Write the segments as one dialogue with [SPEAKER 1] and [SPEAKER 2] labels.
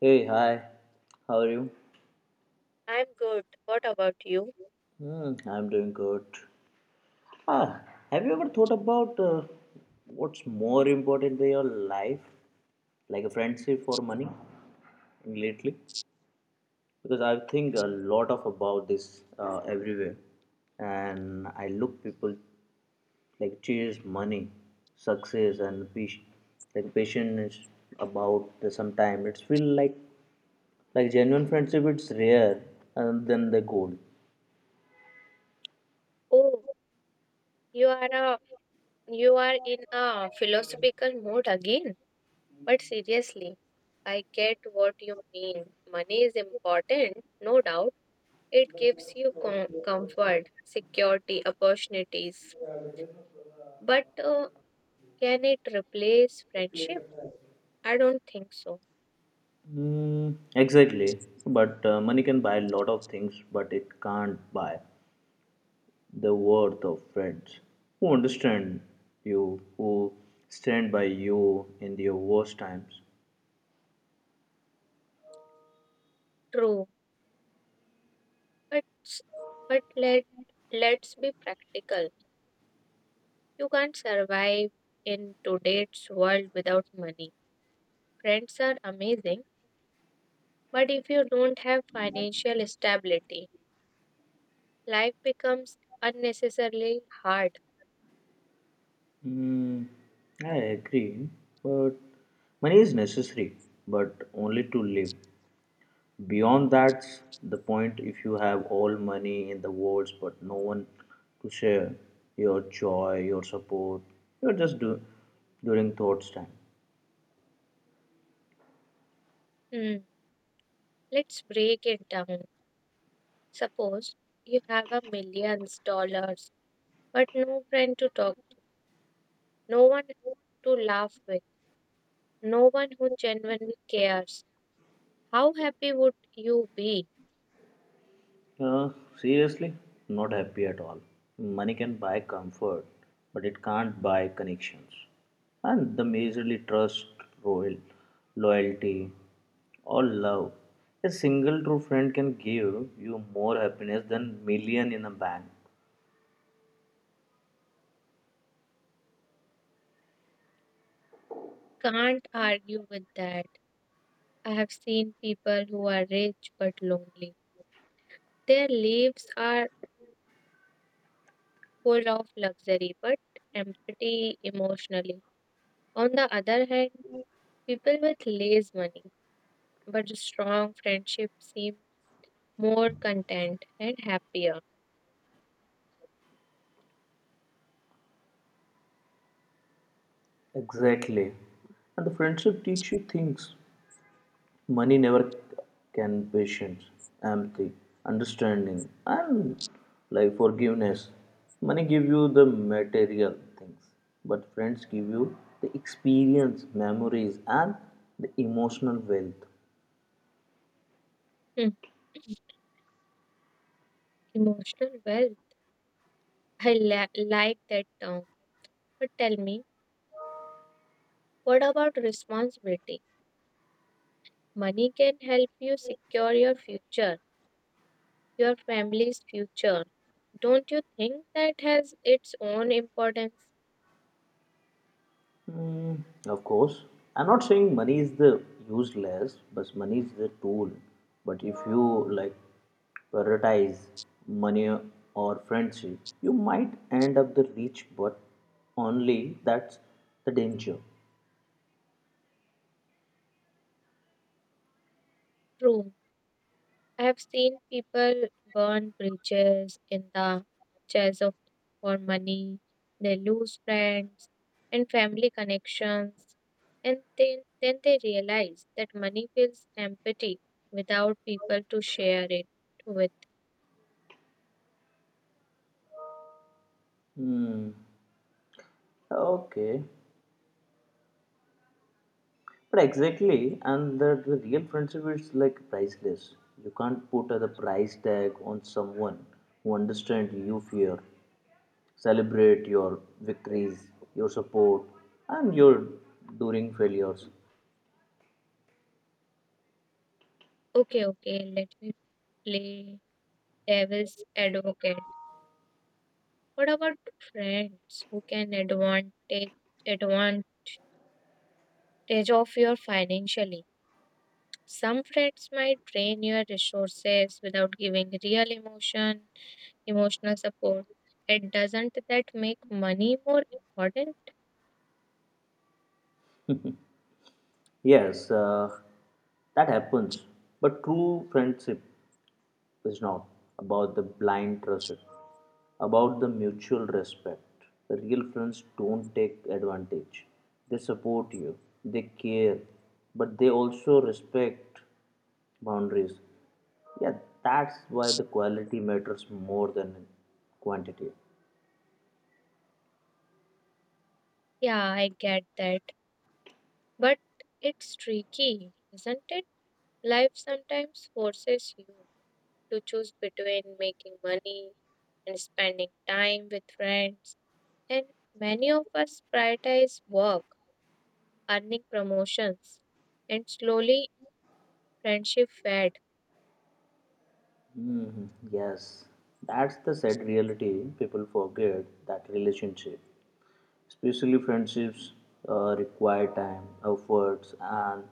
[SPEAKER 1] Hey, hi. How are you?
[SPEAKER 2] I'm good. What about you?
[SPEAKER 1] Hmm, I'm doing good. Ah, have you ever thought about what's more important in your life, like a friendship or money, lately? Because I think a lot of about this everywhere, and I look people like chase money, success, and peace, like patience about the sometime. It's feel like genuine friendship. It's rare, and then the goal.
[SPEAKER 2] Oh, you are a, you are in a philosophical mood again. But seriously, I get what you mean. Money is important, no doubt. It gives you comfort, security, opportunities. But Can it replace friendship? I don't think so.
[SPEAKER 1] Mm, exactly. So, but money can buy a lot of things, but it can't buy the worth of friends who understand you, who stand by you in your worst times.
[SPEAKER 2] True, but s- but let's be practical. You can't survive in today's world without money. Friends are amazing, but if you don't have financial stability, life becomes unnecessarily hard.
[SPEAKER 1] Mm, I agree. But money is necessary, but only to live. Beyond that's the point if you have all money in the world, but no one to share your joy, your support, you're just during thoughts time.
[SPEAKER 2] Hmm, let's break it down. Suppose you have a millions dollars, but no friend to talk, no one to laugh with, no one who genuinely cares. How happy would you be?
[SPEAKER 1] Uh, Seriously, not happy at all. Money can buy comfort, but it can't buy connections. And the miserly trust, royal, loyalty, or love. A single true friend can give you more happiness than million in a bank.
[SPEAKER 2] Can't argue with that. I have seen people who are rich but lonely. Their lives are full of luxury but empty emotionally. On the other hand, people with less money but strong friendship seem more content and happier.
[SPEAKER 1] Exactly. And the friendship teach you things money never can patience, empathy, understanding, and like forgiveness. Money give you the material things, but friends give you the experience, memories, and the emotional wealth.
[SPEAKER 2] Hmm, emotional wealth. I like that term. But tell me, what about responsibility? Money can help you secure your future, your family's future. Don't you think that has its own importance?
[SPEAKER 1] Mm, of course, I'm not saying money is the useless, but money is the tool. But if you like prioritize money or friendship, you might end up the rich, but only that's the danger.
[SPEAKER 2] True. I have seen people burn bridges in the chase of for money. They lose friends and family connections, and then they realize that money feels empty without people to share it with.
[SPEAKER 1] Hmm. Okay. But exactly, and the real friendship is like priceless. You can't put a price tag on someone who understands you fear. Celebrate your victories, your support, and your during failures.
[SPEAKER 2] Okay, okay, let me play devil's advocate. What about friends who can advantage of your financially? Some friends might drain your resources without giving emotional support. It doesn't that make money more important?
[SPEAKER 1] Yes, that happens. But true friendship is not about the blind trust, it's about the mutual respect. The real friends don't take advantage. They support you, they care, but they also respect boundaries. Yeah, that's why the quality matters more than quantity.
[SPEAKER 2] Yeah, I get that. But it's tricky, isn't it? Life sometimes forces you to choose between making money and spending time with friends. And many of us prioritize work, earning promotions, and slowly friendship fade.
[SPEAKER 1] Mhm. Yes, that's the sad reality. People forget that relationship, especially friendships, require time, efforts, and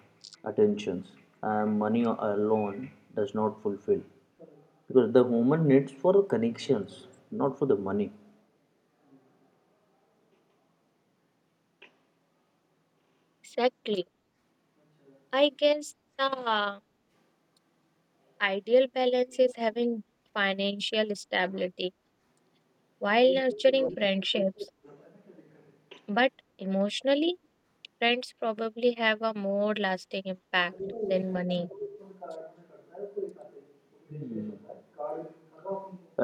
[SPEAKER 1] attentions, and money alone does not fulfill because the woman needs for connections, not for the money.
[SPEAKER 2] Exactly. I guess the ideal balance is having financial stability while nurturing friendships. But emotionally, friends probably have a more lasting impact than money.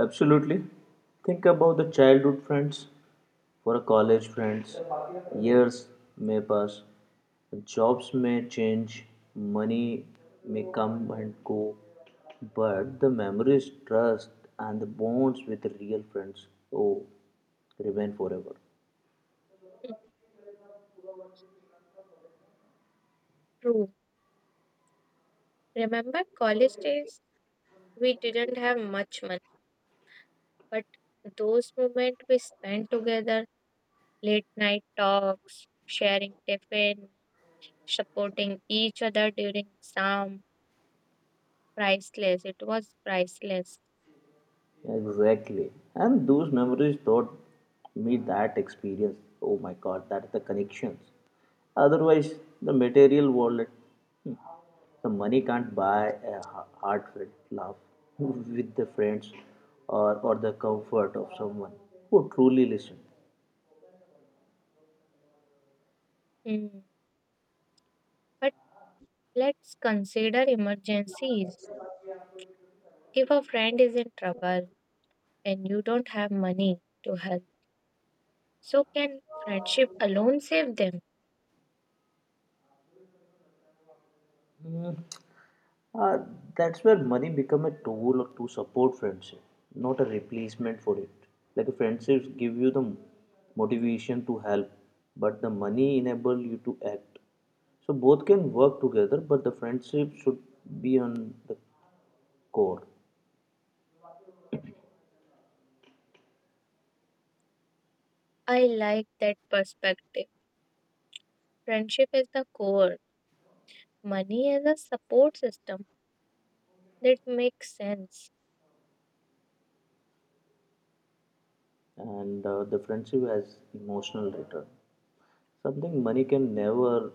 [SPEAKER 1] Absolutely. Think about the childhood friends for a college friends. Years may pass, jobs may change, money may come and go, but the memories, trust, and the bonds with real friends, oh, remain forever.
[SPEAKER 2] Hmm, true. Remember college days? We didn't have much money, but those moments we spent together, late night talks, sharing tiffin, supporting each other during exam, priceless. It was priceless.
[SPEAKER 1] Exactly. And those memories taught me that experience. Oh my god, that's the connections. Otherwise, the material wallet, hmm, the money can't buy a heartfelt laugh with the friends or, the comfort of someone who truly listened.
[SPEAKER 2] Hmm. But let's consider emergencies. If a friend is in trouble and you don't have money to help, so can friendship alone save them?
[SPEAKER 1] Uh, that's where money become a tool to support friendship, not a replacement for it. Like friendships give you the motivation to help, but the money enable you to act. So both can work together, but the friendship should be on the core,
[SPEAKER 2] I like that perspective. Friendship is the core, money is a support system. That makes sense.
[SPEAKER 1] and the friendship has emotional return. Something money can never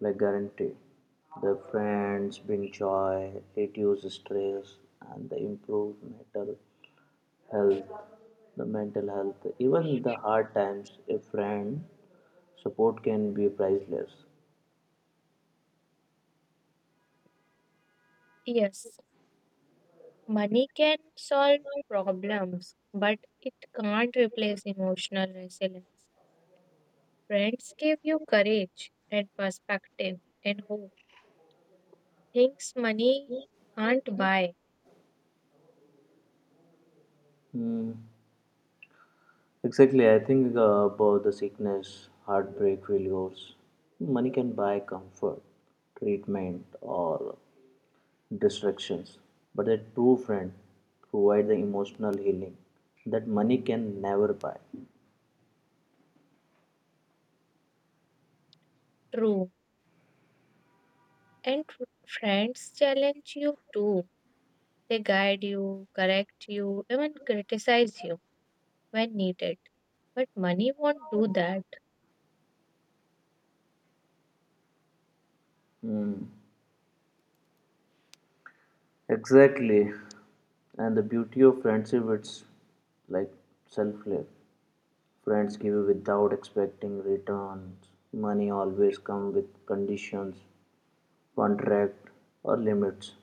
[SPEAKER 1] like guarantee. The friends bring joy, reduce stress, and they improve mental health. The mental health, even the hard times, a friend support can be priceless.
[SPEAKER 2] Yes, money can solve problems, but it can't replace emotional resilience. Friends give you courage and perspective and hope. Things money can't buy.
[SPEAKER 1] Hmm. Exactly, I think about the sickness, heartbreak, failures. Money can buy comfort, treatment, or distractions, but a true friend provides the emotional healing that money can never buy.
[SPEAKER 2] True. And friends challenge you too. They guide you, correct you, even criticize you when needed. But money won't do that.
[SPEAKER 1] Exactly. And the beauty of friendship it's like selfless. Friends give without expecting returns. Money always comes with conditions, contract or limits.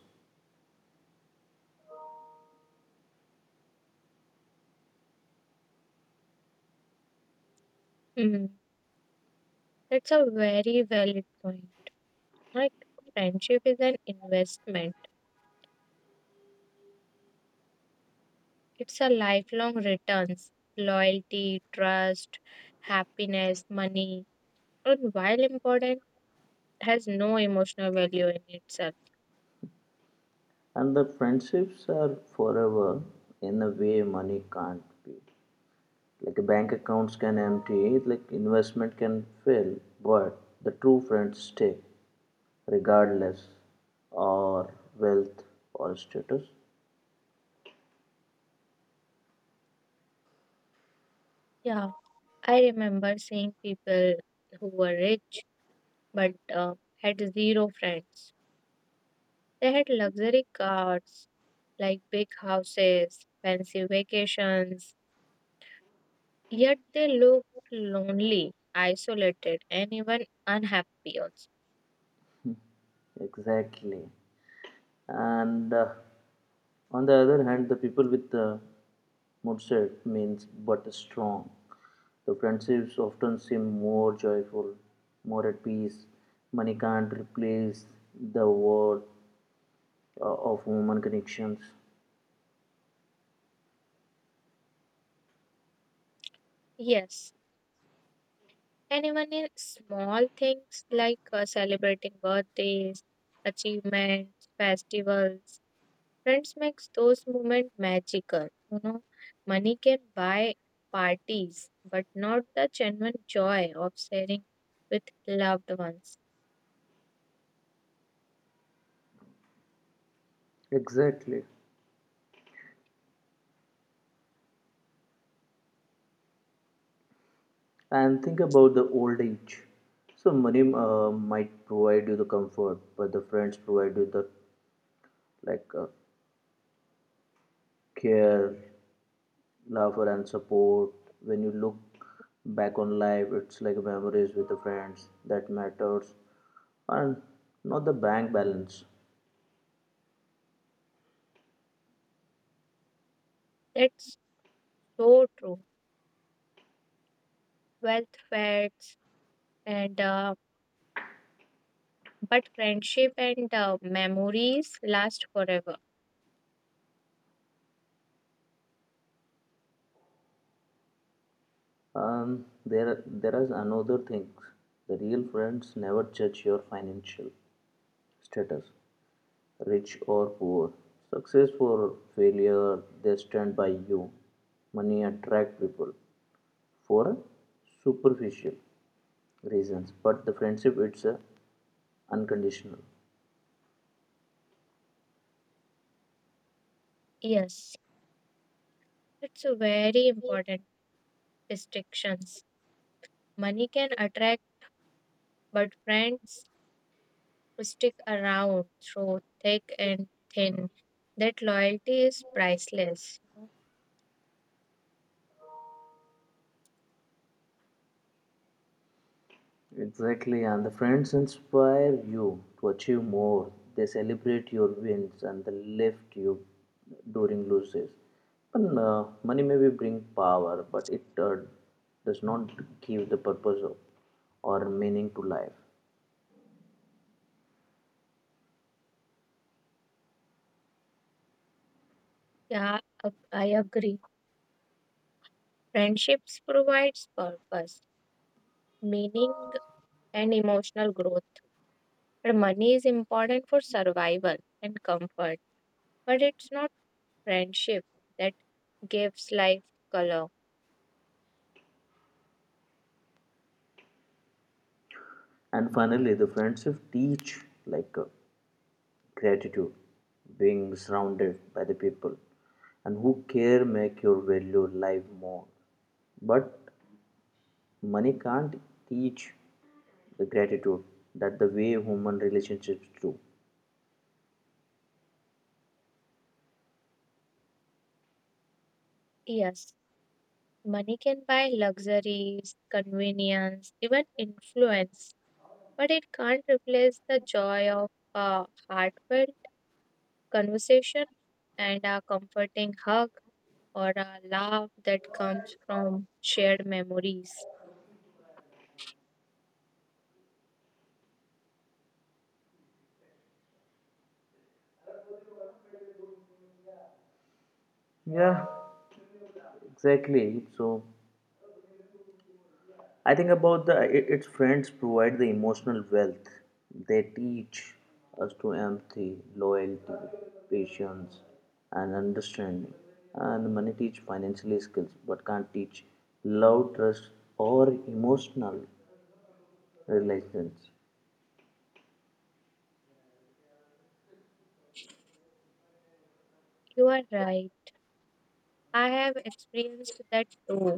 [SPEAKER 2] Hmm. That's a very valid point. Like friendship is an investment. It's a lifelong returns. Loyalty, trust, happiness, money, and while important, has no emotional value in itself.
[SPEAKER 1] And the friendships are forever in a way money can't be. Like a bank accounts can empty like investment can fail but the true friends stay regardless or wealth or status.
[SPEAKER 2] Yeah. I remember seeing people who were rich but had zero friends. They had luxury cars like big houses, fancy vacations, yet they looked lonely, isolated, and even unhappy also.
[SPEAKER 1] Exactly, and on the other hand the people with the mindset means but strong the friendships often seem more joyful, more at peace. Money can't replace the worth of human connections.
[SPEAKER 2] Yes, and even in small things like celebrating birthdays, achievements, festivals, friends makes those moments magical. You know, money can buy parties, but not the genuine joy of sharing with loved ones.
[SPEAKER 1] Exactly. And think about the old age. So money might provide you the comfort, but the friends provide you the like care, laughter, and support. When you look back on life, it's like memories with the friends that matters, and not the bank balance.
[SPEAKER 2] That's so true. Wealth fades, and but friendship and memories last forever.
[SPEAKER 1] There is another thing. The real friends never judge your financial status. Rich or poor, success or failure, they stand by you. Money attract people for superficial reasons, but the friendship it's a unconditional.
[SPEAKER 2] Yes, that's a very important distinctions. Money can attract, but friends stick around through thick and thin. That loyalty is priceless.
[SPEAKER 1] Exactly, and the friends inspire you to achieve more. They celebrate your wins and they lift you during losses. And, money maybe bring power, but it does not give the purpose of, or meaning to life.
[SPEAKER 2] Yeah, I agree. Friendships provides purpose, meaning, and emotional growth. But money is important for survival and comfort, but it's not friendship that gives life color.
[SPEAKER 1] And finally, the friendship teach like gratitude, being surrounded by the people and who care make your value life more. But money can't teach the gratitude that the way human relationships do.
[SPEAKER 2] Yes, money can buy luxuries, convenience, even influence, but it can't replace the joy of a heartfelt conversation and a comforting hug or a laugh that comes from shared memories.
[SPEAKER 1] Yeah, exactly. So I think about the it, its friends provide the emotional wealth. They teach us to empathy, loyalty, patience, and understanding. And money teach financial skills, but can't teach love, trust, or emotional relations.
[SPEAKER 2] You are right. I have experienced that too.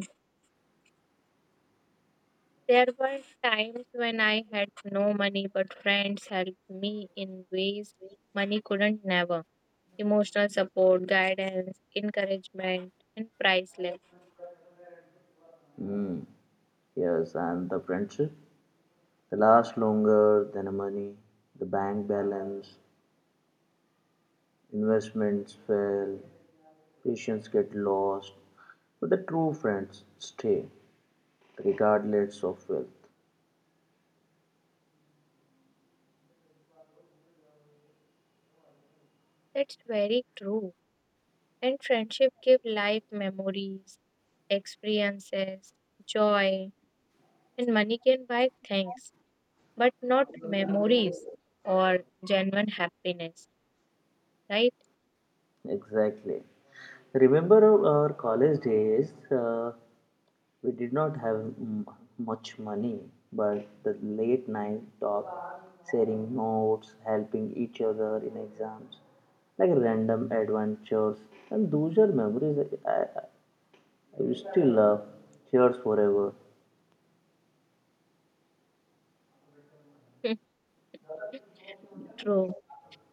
[SPEAKER 2] There were times when I had no money, but friends helped me in ways money couldn't never. Emotional support, guidance, encouragement, and priceless.
[SPEAKER 1] Yes, and the friendship they last longer than the money. The bank balance, investments fail, patience get lost, but the true friends stay, regardless of wealth.
[SPEAKER 2] That's very true. And friendship give life memories, experiences, joy, and money can buy things, but not memories or genuine happiness, right?
[SPEAKER 1] Exactly. Remember our college days, uh, we did not have much money, but the late night talk, sharing notes, helping each other in exams, like random adventures, and those are memories I, I, I will still love. Cheers forever.
[SPEAKER 2] True.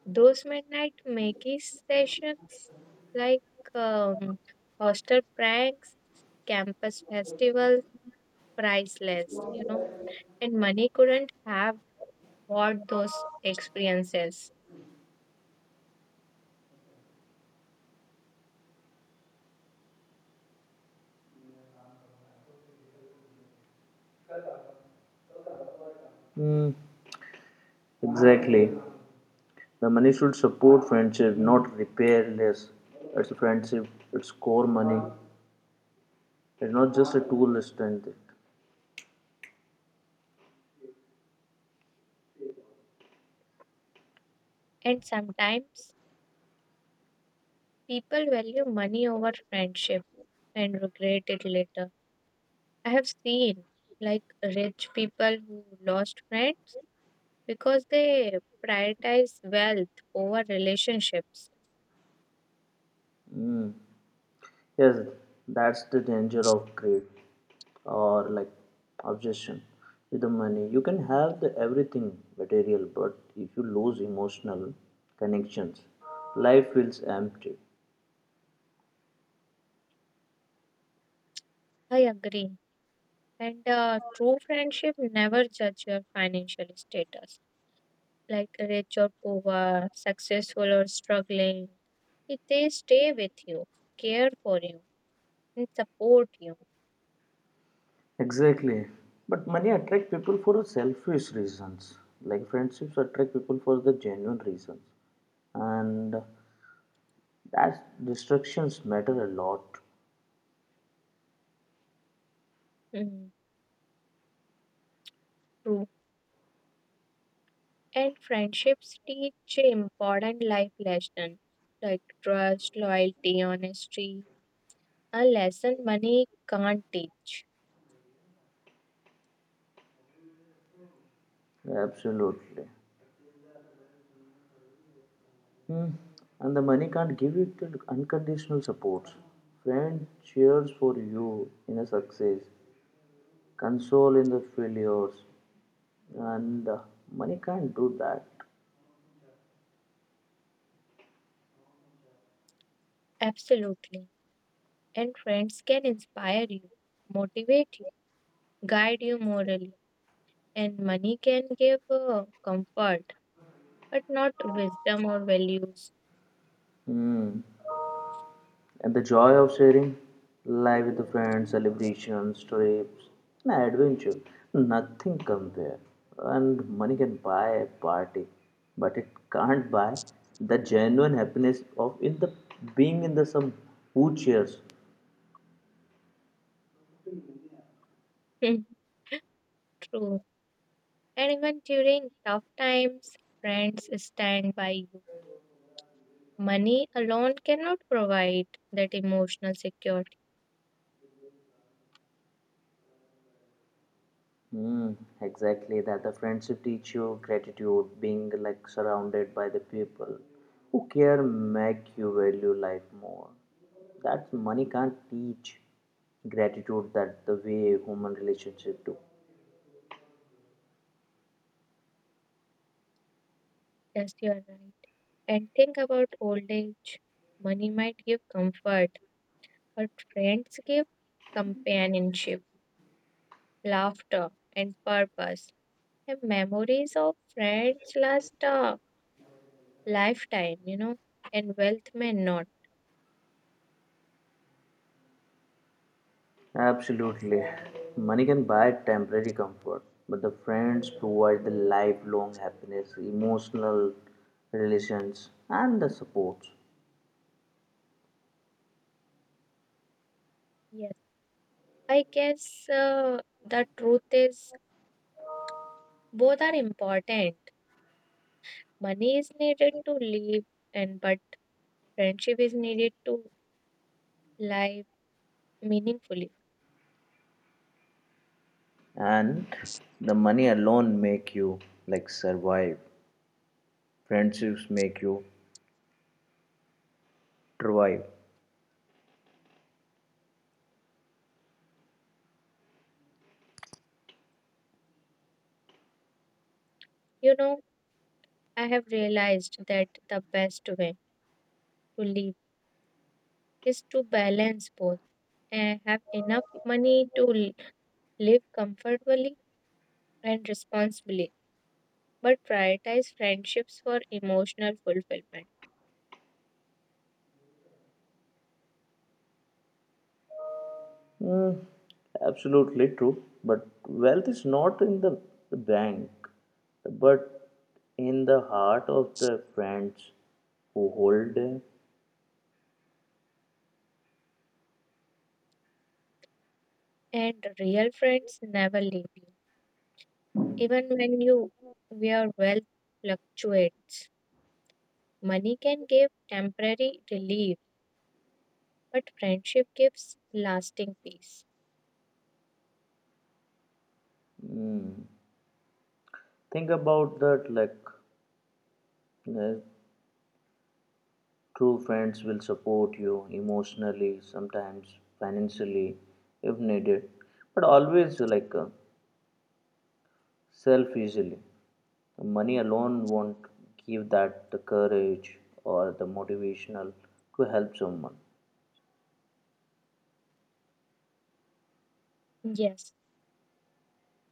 [SPEAKER 2] Those midnight Maggie sessions, like hostel pranks, campus festivals, priceless, you know. And money couldn't have bought those experiences.
[SPEAKER 1] Hmm, exactly. The money should support friendship, not repair less. It's friendship, it's core money. It's not just a tool list and it.
[SPEAKER 2] And sometimes people value money over friendship and regret it later. I have seen like rich people who lost friends because they prioritize wealth over relationships.
[SPEAKER 1] Yes, that's the danger of greed or like obsession with the money. You can have the everything material, but if you lose emotional connections, life feels empty.
[SPEAKER 2] I agree. And true friendship never judge your financial status, like rich or poor, successful or struggling. If they stay with you, care for you, and support you,
[SPEAKER 1] Exactly. But money attract people for selfish reasons. Like friendships attract people for the genuine reasons. And that distractions matter a lot.
[SPEAKER 2] mm, true. And friendships teach important life lessons like trust, loyalty, honesty, a lesson money can't teach.
[SPEAKER 1] Absolutely. Hmm. And the money can't give you the unconditional support. Friend cheers for you in a success, console in the failures, and money can't do that.
[SPEAKER 2] Absolutely. And friends can inspire you, motivate you, guide you morally. And money can give comfort, but not wisdom or values.
[SPEAKER 1] Hmm. And the joy of sharing life with the friends, celebrations, trips, and adventure. Nothing compare. And money can buy a party, but it can't buy the genuine happiness of in the being in the some who cheers.
[SPEAKER 2] True. And even during tough times, friends stand by you. Money alone cannot provide that emotional security.
[SPEAKER 1] Mm, exactly that the friendship teach you gratitude being like surrounded by the people who care make you value life more that money can't teach gratitude that the way human relationship do.
[SPEAKER 2] Yes, you are right. And think about old age. Money might give comfort, her friends give companionship, laughter, and purpose. And memories of friends last a lifetime, you know, and wealth may not.
[SPEAKER 1] Absolutely, money can buy temporary comfort but the friends provide the lifelong happiness, emotional relations and the support.
[SPEAKER 2] Yes. I guess the truth is both are important. Money is needed to live, and but friendship is needed to live meaningfully.
[SPEAKER 1] And the money alone make you like survive. Friendships make you survive.
[SPEAKER 2] You know, I have realized that the best way to live is to balance both and have enough money to live comfortably and responsibly, but prioritize friendships for emotional fulfillment.
[SPEAKER 1] Mm, absolutely true. But wealth is not in the bank, but in the heart of the friends who hold it.
[SPEAKER 2] And real friends never leave you. Even when you your wealth fluctuates, money can give temporary relief, but friendship gives lasting peace.
[SPEAKER 1] Mm. Think about that like uh, true friends will support you emotionally, sometimes financially if needed, but always like self easily. Money alone won't give that the courage or the motivational to help someone.
[SPEAKER 2] Yes,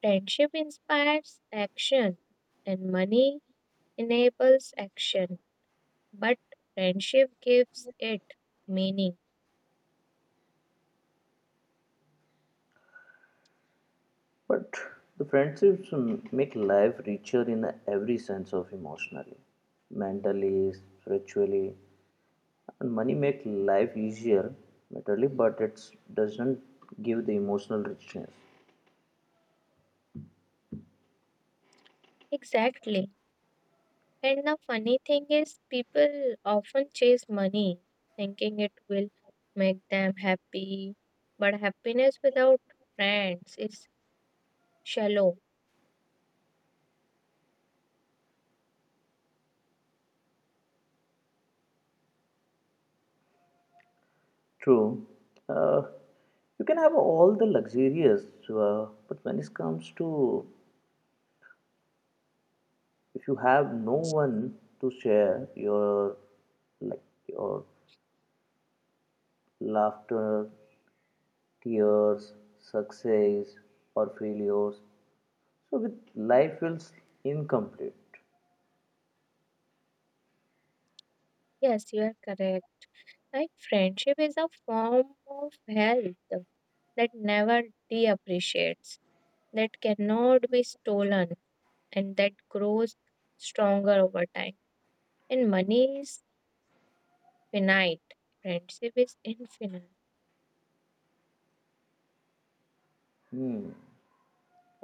[SPEAKER 2] friendship inspires action and money enables action, but friendship gives it meaning.
[SPEAKER 1] But the friendships make life richer in every sense of emotionally, mentally, spiritually. And money make life easier materially, but it doesn't give the emotional richness.
[SPEAKER 2] Exactly. And the funny thing is, people often chase money, thinking it will make them happy. But happiness without friends is shallow.
[SPEAKER 1] True. Uh, you can have all the luxurious, but when it comes to if you have no one to share your like your laughter, tears, success or failures, so with life feels incomplete.
[SPEAKER 2] Yes, you are correct. Like friendship is a form of health that never depreciates, that cannot be stolen, and that grows stronger over time. And money is finite, friendship is infinite.
[SPEAKER 1] Hmm.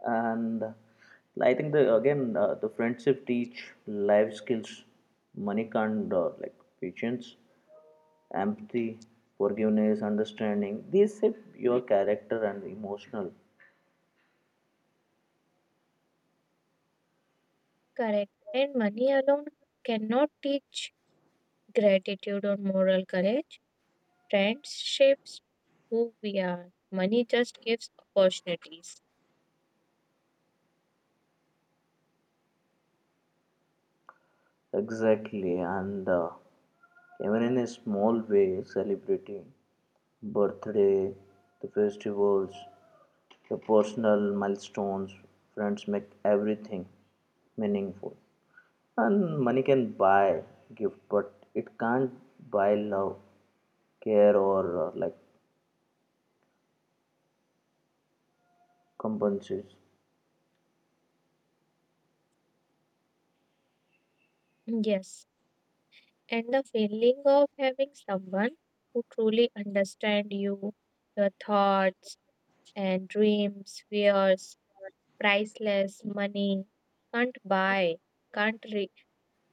[SPEAKER 1] And I think the again the friendship teach life skills, money can't like patience, empathy, forgiveness, understanding. These shape your character and emotional.
[SPEAKER 2] Correct. And money alone cannot teach gratitude or moral courage. Friendships who we are. Money just gives opportunities.
[SPEAKER 1] Exactly, and even in a small way, celebrating birthday, the festivals, the personal milestones, friends make everything meaningful. And money can buy gift, but it can't buy love, care, or like compensates.
[SPEAKER 2] Yes. And the feeling of having someone who truly understands you, your thoughts and dreams, fears, priceless money can't buy, can't re-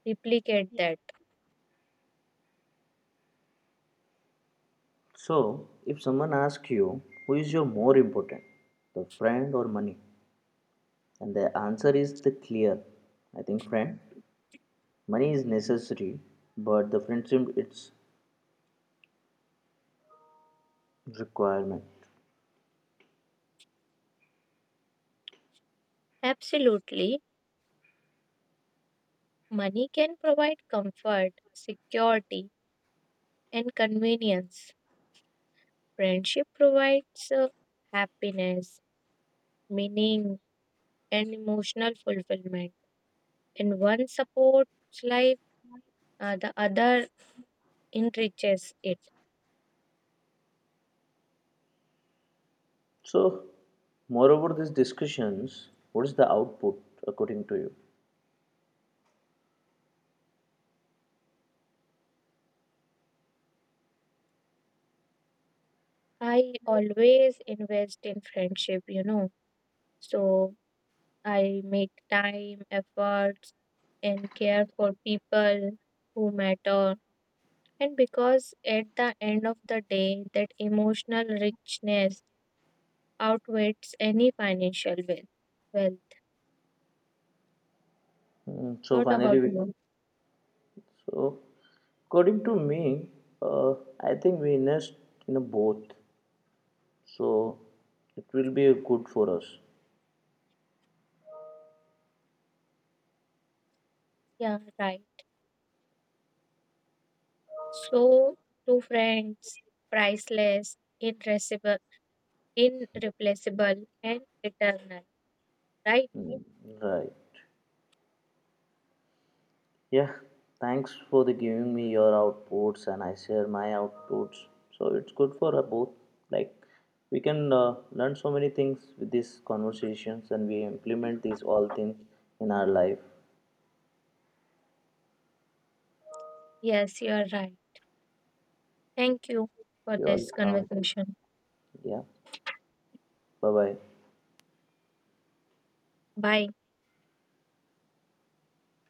[SPEAKER 2] replicate that.
[SPEAKER 1] So, if someone asks you, who is your more important, the friend or money? And the answer is the clear. I think friend, money is necessary, but the friendship it's requirement.
[SPEAKER 2] Absolutely. Money can provide comfort, security, and convenience. Friendship provides happiness, meaning, and emotional fulfillment. And one supports life, the other enriches it.
[SPEAKER 1] So, moreover, these discussions, what is the output according to you?
[SPEAKER 2] I always invest in friendship, you know, so I make time, efforts, and care for people who matter. And because at the end of the day, that emotional richness outweighs any financial wealth. Well,
[SPEAKER 1] Hmm, so
[SPEAKER 2] not
[SPEAKER 1] finally,
[SPEAKER 2] about
[SPEAKER 1] we,
[SPEAKER 2] work.
[SPEAKER 1] so according to me, uh, I think we invest in a both. So it will be good for us.
[SPEAKER 2] Yeah, right. So, two friends, priceless, irreplaceable, and eternal. Right?
[SPEAKER 1] Hmm, right. Yeah, thanks for the giving me your outputs and I share my outputs. So it's good for both. Like we can learn so many things with these conversations and we implement these all things in our life.
[SPEAKER 2] Yes, you are right. Thank you for
[SPEAKER 1] You're
[SPEAKER 2] this
[SPEAKER 1] welcome.
[SPEAKER 2] conversation.
[SPEAKER 1] Yeah. Bye bye.
[SPEAKER 2] Bye.